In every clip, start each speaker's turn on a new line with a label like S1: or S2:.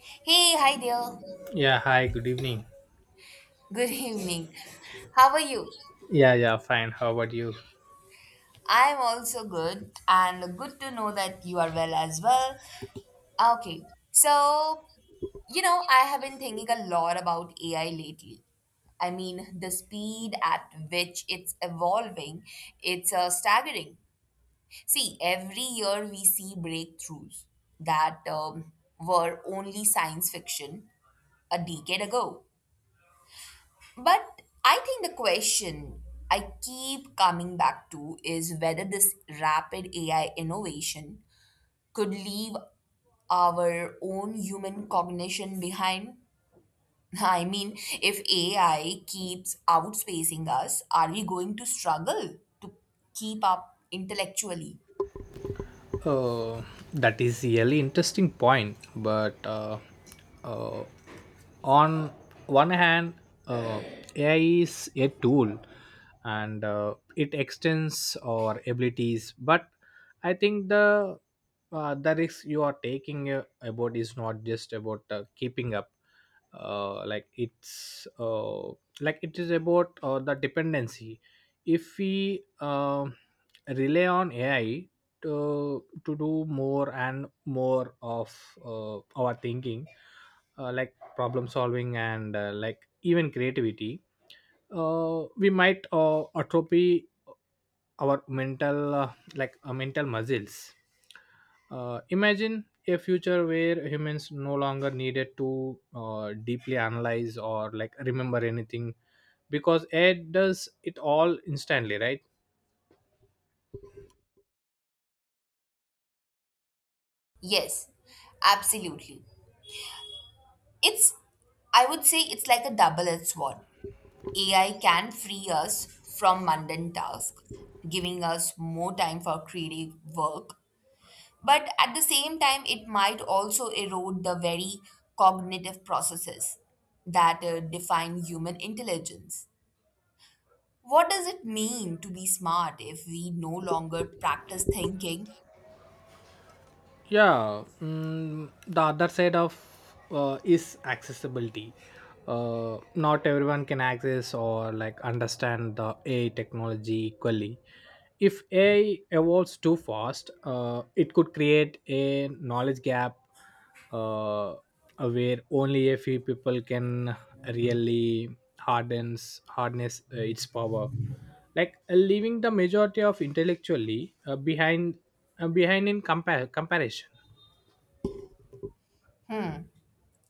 S1: Hey, hi there.
S2: Yeah, hi, good evening.
S1: Good evening. How are you?
S2: Yeah, yeah, fine. How about you?
S1: I'm also good, and good to know that you are well as well. Okay, so I have been thinking a lot about AI lately. I mean, the speed at which it's evolving, it's staggering. See, every year we see breakthroughs that were only science fiction a decade ago. But I think the question I keep coming back to is whether this rapid AI innovation could leave our own human cognition behind. I mean, if AI keeps outspacing us, are we going to struggle to keep up intellectually?
S2: Oh, that is really interesting point. But uh, on one hand, uh, AI is a tool, and it extends our abilities. But I think the risk you are taking about is not just about keeping up. uh, like it's uh, like it is about the dependency if we rely on AI to do more and more of our thinking, like problem solving and like even creativity. We might atrophy our mental, mental muscles. Imagine a future where humans no longer needed to deeply analyze or like remember anything because AI does it all instantly, right?
S1: Yes, absolutely. It's, I would say, it's like a double edged sword. AI can free us from mundane tasks, giving us more time for creative work. But at the same time, it might also erode the very cognitive processes that define human intelligence. What does it mean to be smart if we no longer practice thinking?
S2: Yeah, the other side of is accessibility. Not everyone can access or like understand the AI technology equally. If AI evolves too fast, it could create a knowledge gap uh, where only a few people can really hardens harness its power, like leaving the majority of intellectually behind in comparison.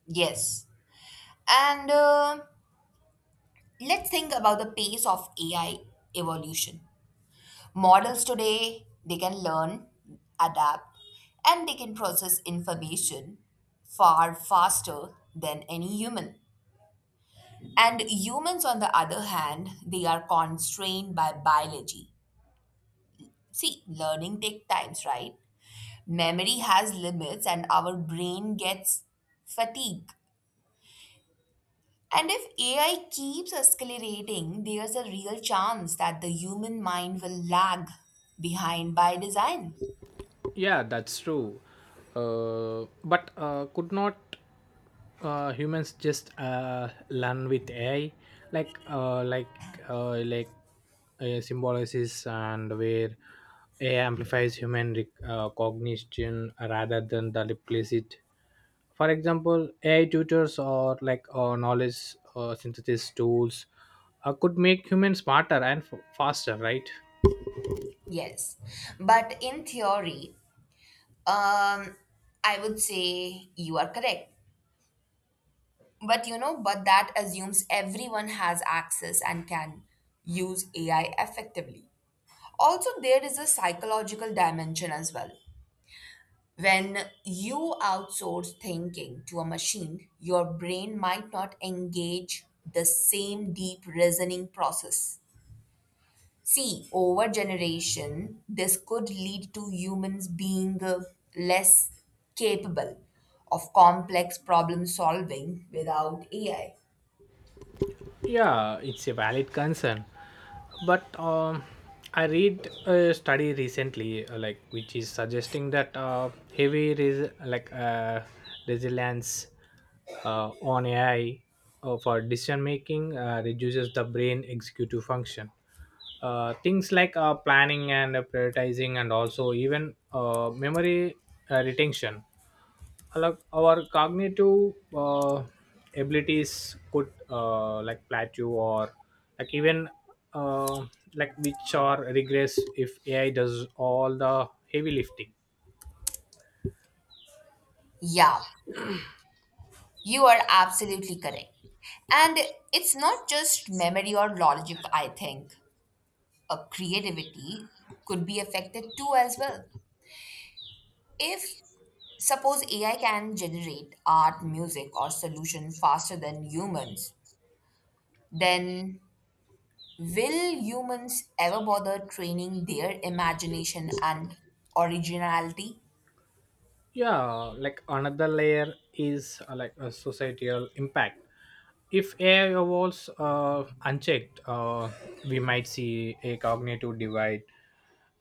S1: Yes. And Let's think about the pace of AI evolution. Models today, they can learn, adapt, and they can process information far faster than any human. And humans, on the other hand, they are constrained by biology. See, learning takes times, right? Memory has limits, and our brain gets fatigue. And if AI keeps escalating, there's a real chance that the human mind will lag behind by design.
S2: Yeah, that's true. But could not humans just learn with AI, like uh, like like symbolosis, and where AI amplifies human cognition rather than the implicit. For example, AI tutors or like knowledge synthesis tools could make humans smarter and faster, right?
S1: Yes, but in theory, um, I would say you are correct. But but that assumes everyone has access and can use AI effectively. Also, there is a psychological dimension as well. When you outsource thinking to a machine, your brain might not engage the same deep reasoning process. See, over generation, this could lead to humans being less capable of complex problem solving without AI.
S2: Yeah, it's a valid concern. But I read a study recently, like which is suggesting that heavy resilience on AI for decision making reduces the brain executive function, things like planning and prioritizing and also even memory retention. Like our cognitive abilities could like plateau, or like even uh, like which are regress if AI does all the heavy lifting.
S1: Yeah, you are absolutely correct. And it's not just memory or logic, I think. A creativity could be affected too as well. If suppose AI can generate art, music, or solution faster than humans, then will humans ever bother training their imagination and originality?
S2: Yeah, like another layer is like a societal impact. If AI evolves unchecked, we might see a cognitive divide,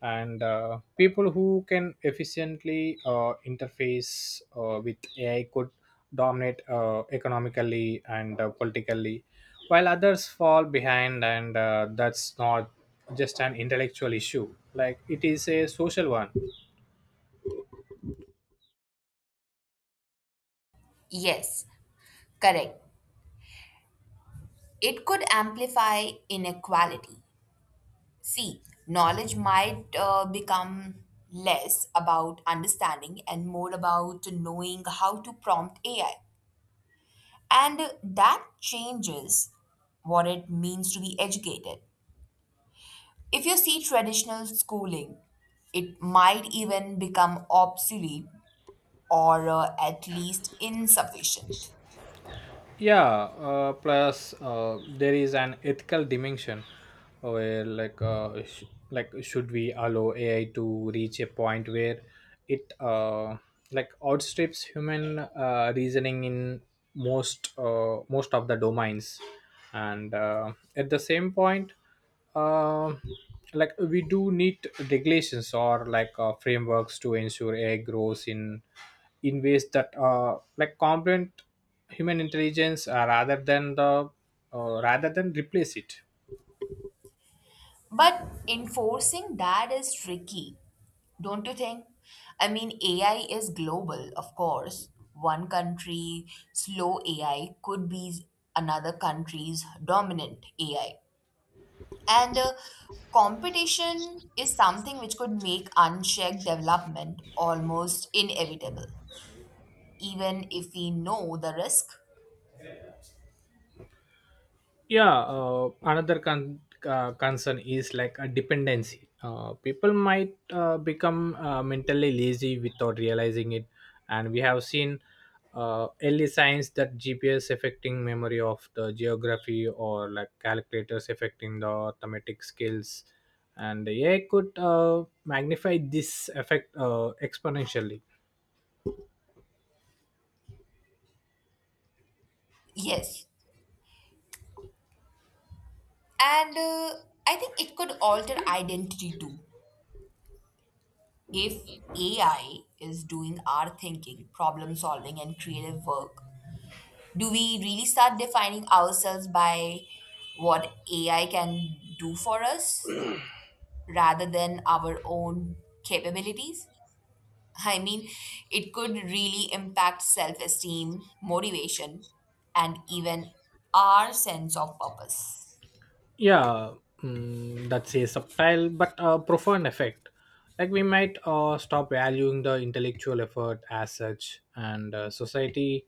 S2: and people who can efficiently interface with AI could dominate economically and politically, while others fall behind. And that's not just an intellectual issue, like it is a social one.
S1: Yes, correct. It could amplify inequality. See, knowledge might become less about understanding and more about knowing how to prompt AI. And that changes what it means to be educated. If you see traditional schooling, it might even become obsolete or at least insufficient.
S2: Yeah, plus there is an ethical dimension where, like, should we allow AI to reach a point where it like outstrips human reasoning in most of the domains? And at the same point, uh, like we do need regulations or like frameworks to ensure AI grows in ways that like complement human intelligence, rather than replace it.
S1: But enforcing that is tricky, don't you think? I mean, AI is global, of course. One country slow AI could be another country's dominant AI. And Competition is something which could make unchecked development almost inevitable, even if we know the risk.
S2: Yeah, concern is like a dependency. People might become mentally lazy without realizing it, and we have seen early signs that GPS affecting memory of the geography, or like calculators affecting the arithmetic skills, and the AI could magnify this effect exponentially.
S1: Yes. And I think it could alter identity too. If AI is doing our thinking, problem solving, and creative work, do we really start defining ourselves by what AI can do for us rather than our own capabilities? I mean, it could really impact self esteem, motivation, and even our sense of purpose.
S2: Yeah, that's a subtle but profound effect. Like we might stop valuing the intellectual effort as such, and society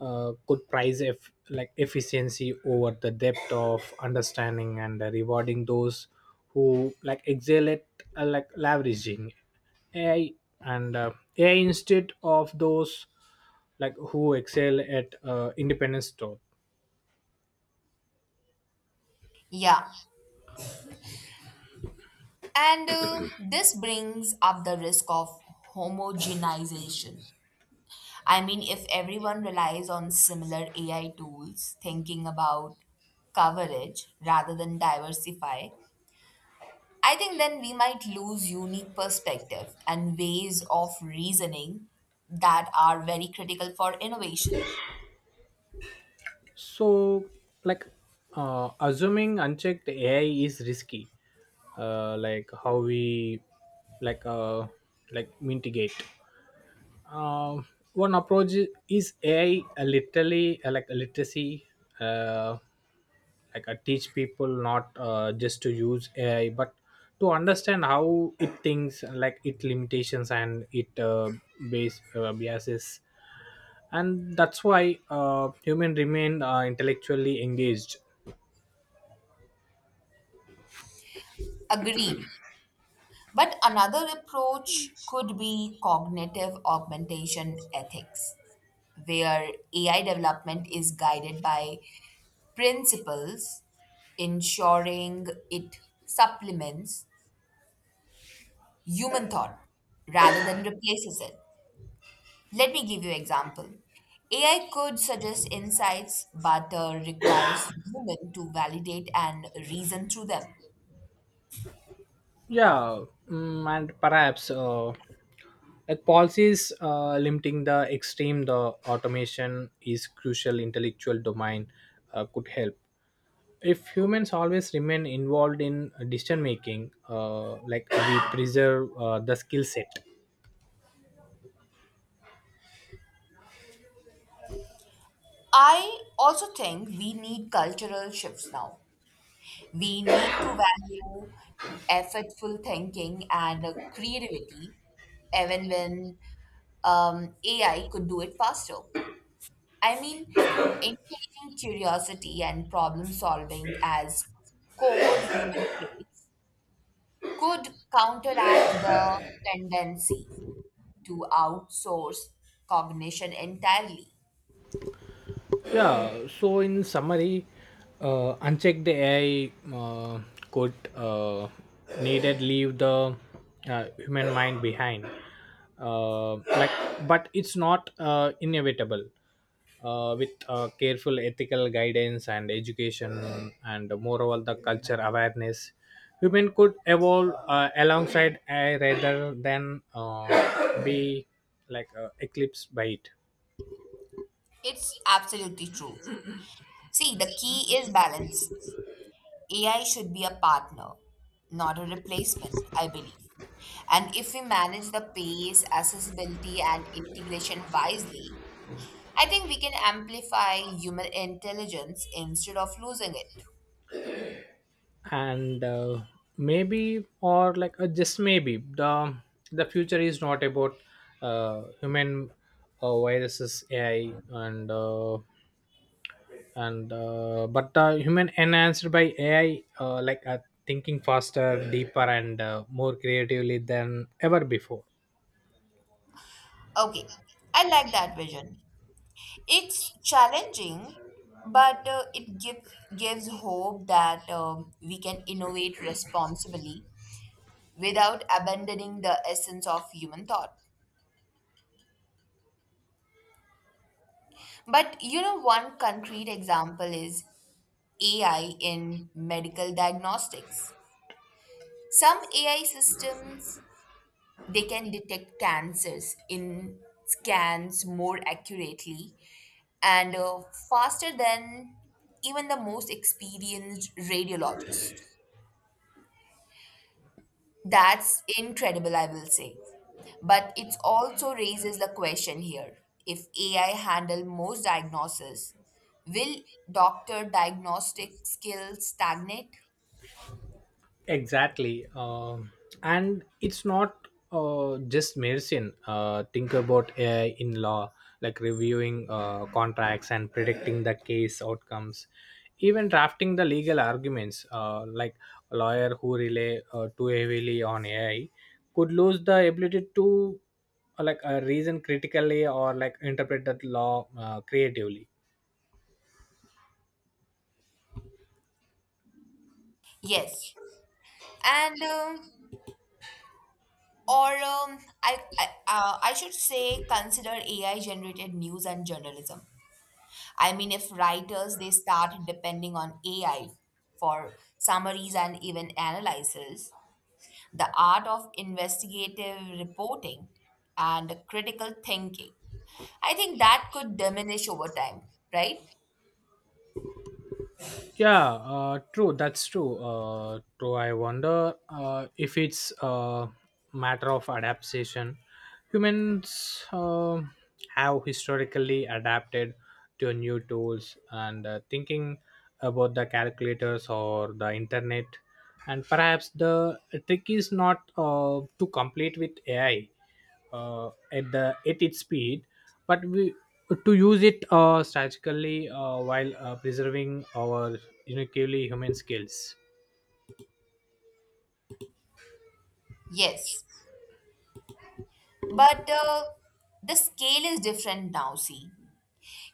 S2: could prize if like efficiency over the depth of understanding, and rewarding those who like excel at like leveraging ai and uh, AI instead of those like who excel at independence thought.
S1: Yeah. And This brings up the risk of homogenization. I mean, if everyone relies on similar AI tools, thinking about coverage rather than diversify, I think then we might lose unique perspective and ways of reasoning that are very critical for innovation.
S2: So, like, assuming unchecked AI is risky, like how we, like, mitigate. One approach is AI a literally, like a literacy, uh, like I teach people not just to use AI, but to understand how it thinks, like its limitations and it base biases. And that's why human remain intellectually engaged.
S1: Agreed. But another approach could be cognitive augmentation ethics, where AI development is guided by principles ensuring it supplements human thought rather than replaces it. Let me give you an example. AI could suggest insights but requires human to validate and reason through them.
S2: Yeah, and perhaps like policies limiting the extreme the automation is crucial intellectual domain could help. If humans always remain involved in decision making, like we preserve the skill set.
S1: I also think we need cultural shifts now. We need to value effortful thinking and creativity, even when AI could do it faster. I mean, encouraging curiosity and problem solving as core human traits could counteract the tendency to outsource cognition entirely.
S2: Yeah, so in summary, unchecked AI could, needed leave the human mind behind. Uh, like, but it's not inevitable. With careful ethical guidance and education, and moreover the culture awareness, women could evolve alongside AI rather than be like eclipsed by it.
S1: It's absolutely true. See, the key is balance. AI should be a partner, not a replacement, I believe. And if we manage the pace, accessibility, and integration wisely, I think we can amplify human intelligence instead of losing it.
S2: And maybe, or like just maybe the future is not about human viruses AI, and but human enhanced by AI, like thinking faster, deeper, and more creatively than ever before.
S1: Okay, I like that vision. It's challenging, but it gives hope that we can innovate responsibly without abandoning the essence of human thought. But one concrete example is AI in medical diagnostics. Some AI systems they can detect cancers in scans more accurately and faster than even the most experienced radiologist. That's incredible, I will say. But it also raises the question here. If AI handle most diagnosis, will doctor diagnostic skills stagnate?
S2: Exactly. And it's not just medicine. Think about AI in law, like reviewing contracts and predicting the case outcomes, even drafting the legal arguments. Like a lawyer who rely too heavily on AI could lose the ability to reason critically or like interpret that law creatively.
S1: Yes. And Or I should say consider AI generated news and journalism. I mean, if writers they start depending on AI for summaries and even analysis, the art of investigative reporting and critical thinking, I think that could diminish over time, right?
S2: Yeah, true. That's true. True. I wonder if it's a matter of adaptation. Humans have historically adapted to new tools, and thinking about the calculators or the internet, and perhaps the trick is not to complete with AI, at the at its speed, but we to use it strategically while preserving our uniquely human skills.
S1: Yes. But the scale is different now, see.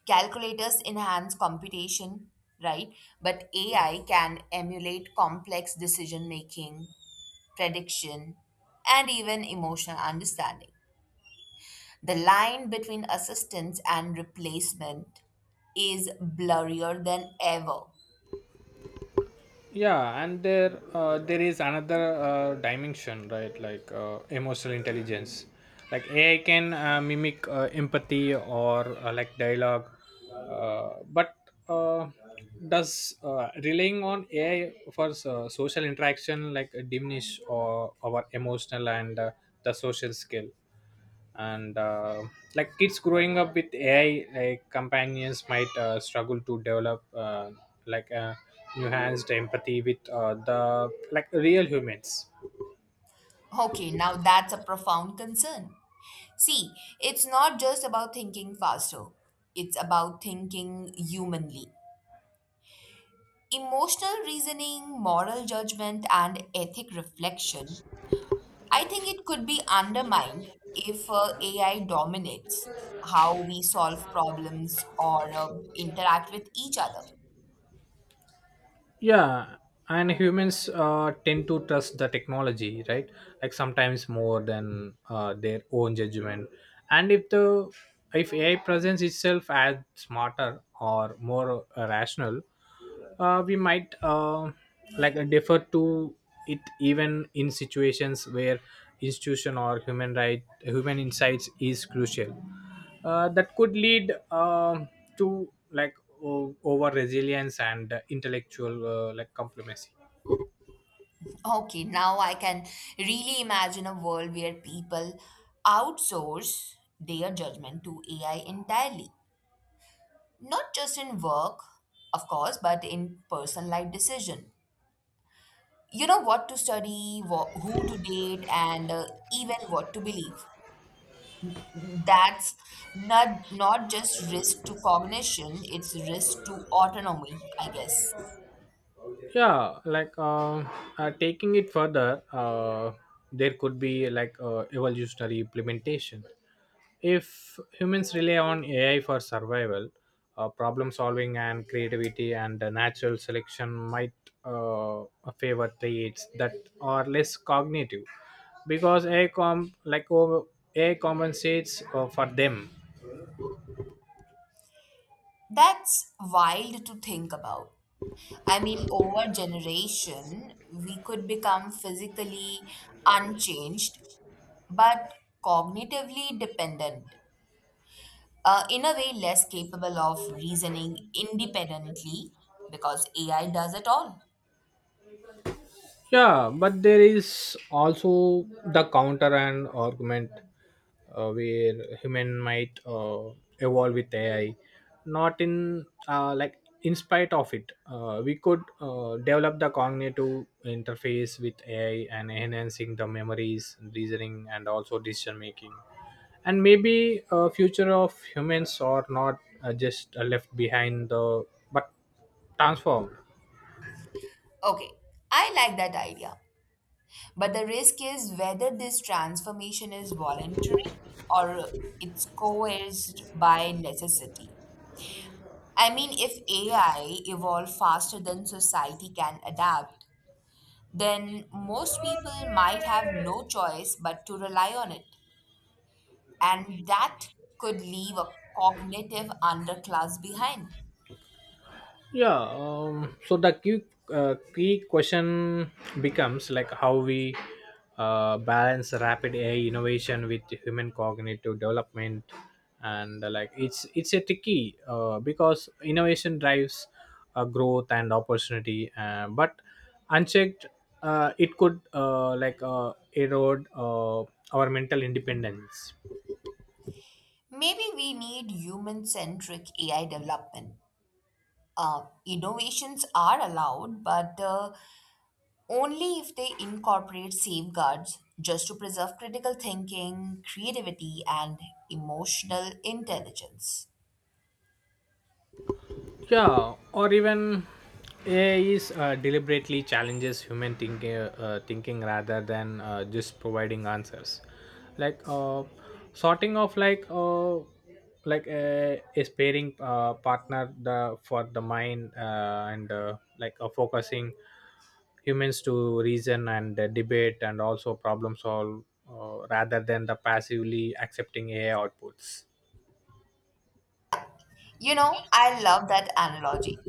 S1: Calculators enhance computation, right? But AI can emulate complex decision making, prediction, and even emotional understanding. The line between assistance and replacement is blurrier than ever.
S2: Yeah, and there is another dimension, right? Like emotional intelligence, like AI can mimic empathy or like dialogue, but uh, does relying on AI for social interaction like diminish or our emotional and the social skill? And like kids growing up with AI like companions might struggle to develop like uh, enhanced empathy with the like real humans.
S1: Okay, now that's a profound concern. See, it's not just about thinking faster, it's about thinking humanly. Emotional reasoning, moral judgment, and ethic reflection, I think it could be undermined if AI dominates how we solve problems or interact with each other.
S2: Yeah, and humans tend to trust the technology, right? Like sometimes more than their own judgment. And if AI presents itself as smarter or more rational, we might, defer to it even in situations where institution or human insights is crucial. That could lead, um to, like, over resilience and intellectual like compromise.
S1: Okay, now I can really imagine a world where people outsource their judgment to AI entirely. Not just in work, of course, but in personal life decision. You know what to study, what, who to date, and even what to believe. That's not just risk to cognition, it's risk to autonomy, I guess.
S2: Yeah, taking it further, there could be like evolutionary implementation. If humans rely on AI for survival, problem solving, and creativity, and natural selection might uh, favor traits that are less cognitive, because AI compensates for them.
S1: That's wild to think about. I mean, over generation, we could become physically unchanged, but cognitively dependent. In a way, less capable of reasoning independently because AI does it all.
S2: Yeah, but there is also the counter and argument where human might evolve with AI, not in like in spite of it. We could develop the cognitive interface with AI and enhancing the memories, reasoning, and also decision making. And maybe a future of humans are not just left behind the, but transformed.
S1: Okay, I like that idea. But the risk is whether this transformation is voluntary or it's coerced by necessity. I mean, if AI evolve faster than society can adapt, then most people might have no choice but to rely on it. And that could leave a cognitive underclass behind.
S2: Yeah, so the key question becomes like how we balance rapid AI innovation with human cognitive development. And like it's a tricky, because innovation drives growth and opportunity, but unchecked, it could, erode, our mental independence.
S1: Maybe we need human centric AI development. Innovations are allowed, but only if they incorporate safeguards just to preserve critical thinking, creativity, and emotional intelligence.
S2: Yeah, or even AI is deliberately challenges human thinking rather than just providing answers. Like sorting of like, a sparing partner the for the mind, and like focusing humans to reason and debate and also problem solve, rather than the passively accepting AI outputs.
S1: You know, I love that analogy.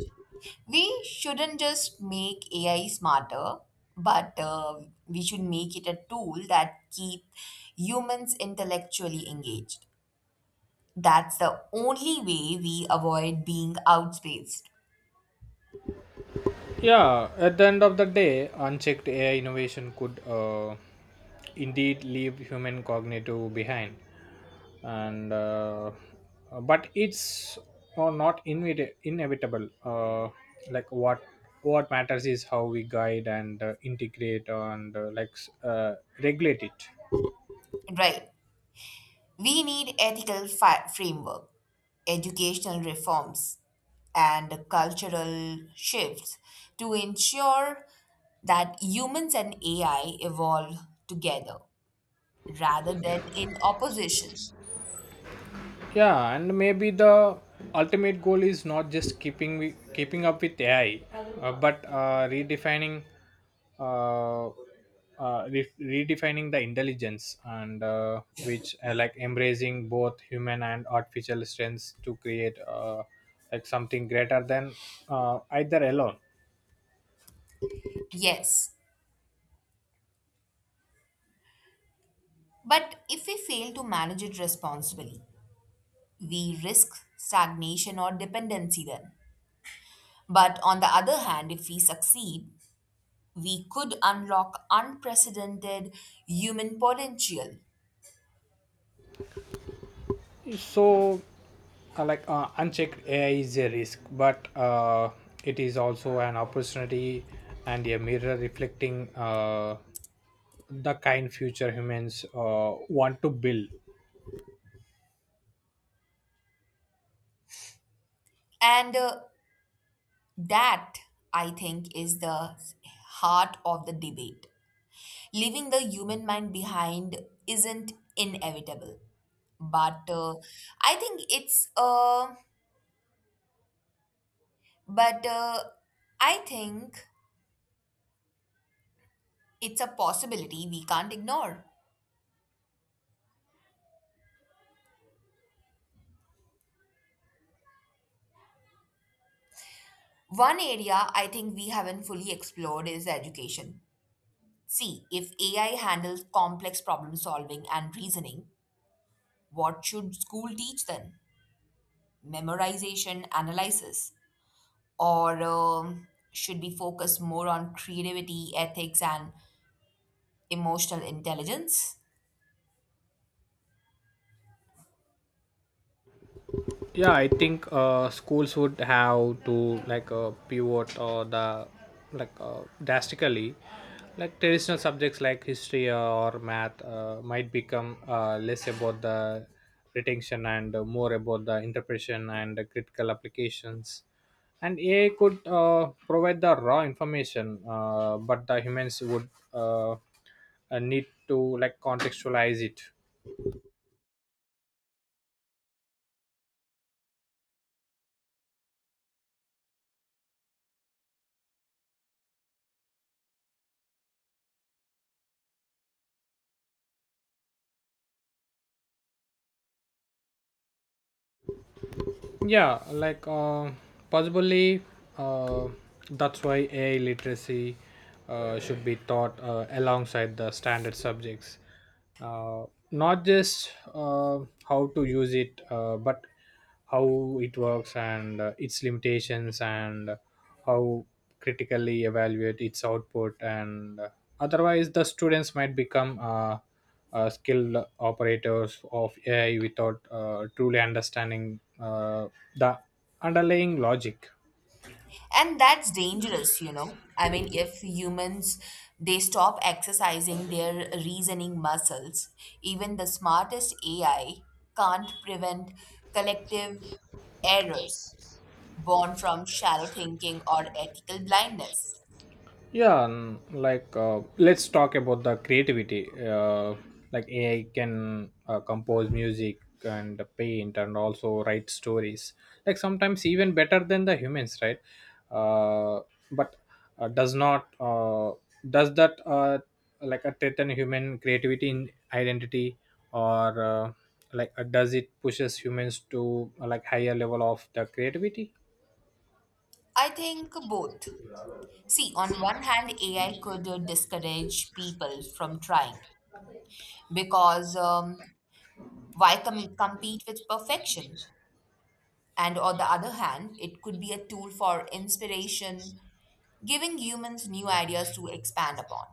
S1: We shouldn't just make AI smarter, but we should make it a tool that keep humans intellectually engaged. That's the only way we avoid being outspaced,
S2: Yeah, at the end of the day, unchecked AI innovation could indeed leave human cognitive behind, and but it's not inevitable. What matters is how we guide and integrate and regulate it.
S1: right? We need ethical framework, educational reforms, and cultural shifts to ensure that humans and AI evolve together rather than in opposition.
S2: Yeah, and maybe the ultimate goal is not just keeping up with AI, but redefining, uh, redefining the intelligence, and which like embracing both human and artificial strengths to create, like something greater than either alone.
S1: Yes, but if we fail to manage it responsibly, we risk stagnation or dependency then. But on the other hand, if we succeed, we could unlock unprecedented human potential.
S2: So, unchecked AI is a risk, but it is also an opportunity and a mirror reflecting, the kind future humans want to build.
S1: And uh, That, I think, is the heart of the debate. Leaving the human mind behind isn't inevitable, but I think it's uh, but uh, I think it's a possibility we can't ignore. One area I think we haven't fully explored is education. See, if AI handles complex problem solving and reasoning, what should school teach then? Memorization, analysis, or should we focus more on creativity, ethics, and emotional intelligence?
S2: Yeah, I think schools would have to pivot or the drastically. Like traditional subjects like history or math might become less about the retention and more about the interpretation and the critical applications. And AI could provide the raw information, but the humans would, need to like contextualize it. Yeah, possibly, uh, that's why AI literacy should be taught alongside the standard subjects, uh, not just how to use it, but how it works and its limitations and how critically evaluate its output. And otherwise the students might become, skilled operators of AI without truly understanding the underlying logic.
S1: And that's dangerous, you know. I mean, if humans they stop exercising their reasoning muscles, even the smartest AI can't prevent collective errors born from shallow thinking or ethical blindness.
S2: Yeah, let's talk about the creativity. Like AI can compose music and paint and also write stories, like sometimes even better than the humans, right? Uh, but uh, does not does that like a threaten human creativity in identity? Or like does it pushes humans to like higher level of the creativity?
S1: I think both. See, on one hand, AI could discourage people from trying, because why compete with perfection? And on the other hand, it could be a tool for inspiration, giving humans new ideas to expand upon.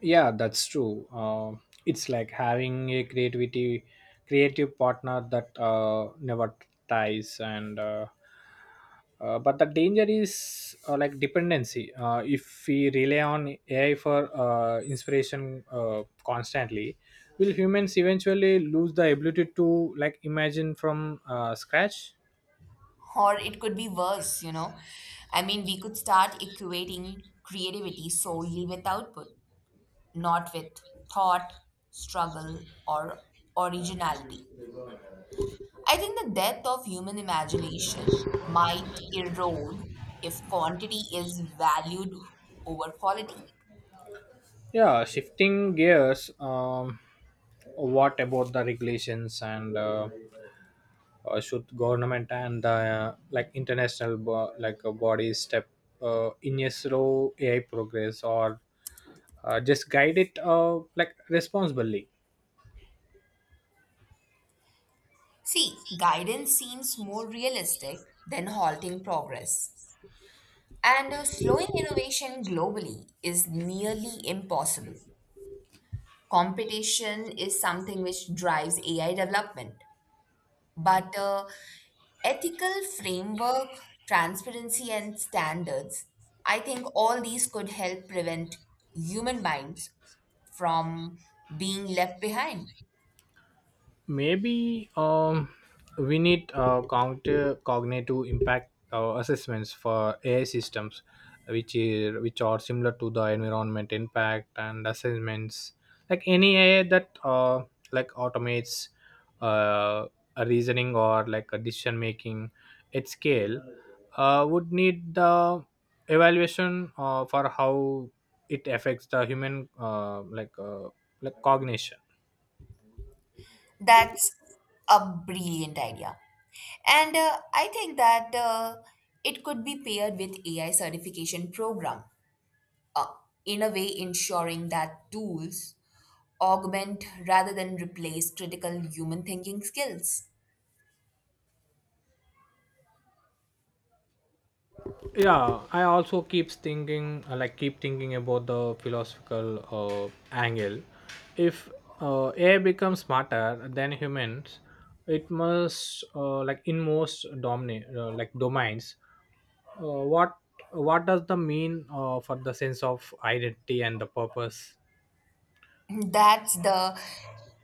S2: Yeah, that's true. It's like having a creative partner that never ties, and but the danger is like dependency. If we rely on AI for inspiration constantly, will humans eventually lose the ability to like imagine from scratch?
S1: Or it could be worse, you know. I mean, we could start equating creativity solely with output, not with thought, struggle, or originality. I think the depth of human imagination might erode if quantity is valued over quality.
S2: Yeah, shifting gears. What about the regulations and, should government and the, international bodies step in a slow AI progress, or just guide it like responsibly?
S1: See, guidance seems more realistic than halting progress. And Slowing innovation globally is nearly impossible. Competition is something which drives AI development. But ethical framework, transparency, and standards, I think all these could help prevent human minds from being left behind.
S2: Maybe we need counter cognitive impact assessments for AI systems, which are similar to the environment impact and assessments. Like any AI that like automates uh, a reasoning or like a decision making at scale would need the evaluation for how it affects the human, like cognition.
S1: That's a brilliant idea. And I think that It could be paired with AI certification program, uh, in a way ensuring that tools augment rather than replace critical human thinking skills.
S2: Yeah, I also keep thinking about the philosophical angle. If AI becomes smarter than humans, it must like in most like domains, what does the mean for the sense of identity and the purpose?
S1: That's the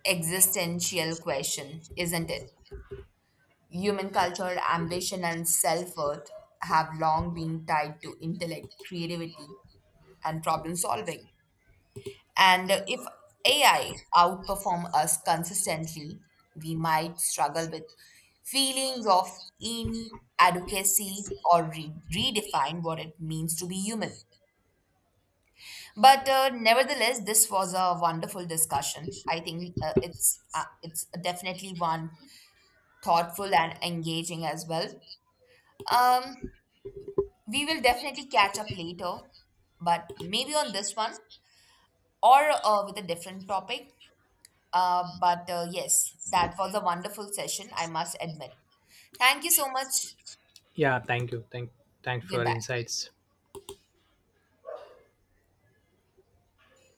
S1: existential question, isn't it? Human culture, ambition, and self worth have long been tied to intellect, creativity, and problem solving. And if AI outperform us consistently, we might struggle with feelings of inadequacy or redefine what it means to be human. But nevertheless, this was a wonderful discussion. I think it's definitely one thoughtful and engaging as well. Um, we will definitely catch up later, but maybe on this one or with a different topic. But Yes, that was a wonderful session, I must admit. Thank you so much.
S2: Yeah, thank you, thanks for your
S1: Goodbye.
S2: insights.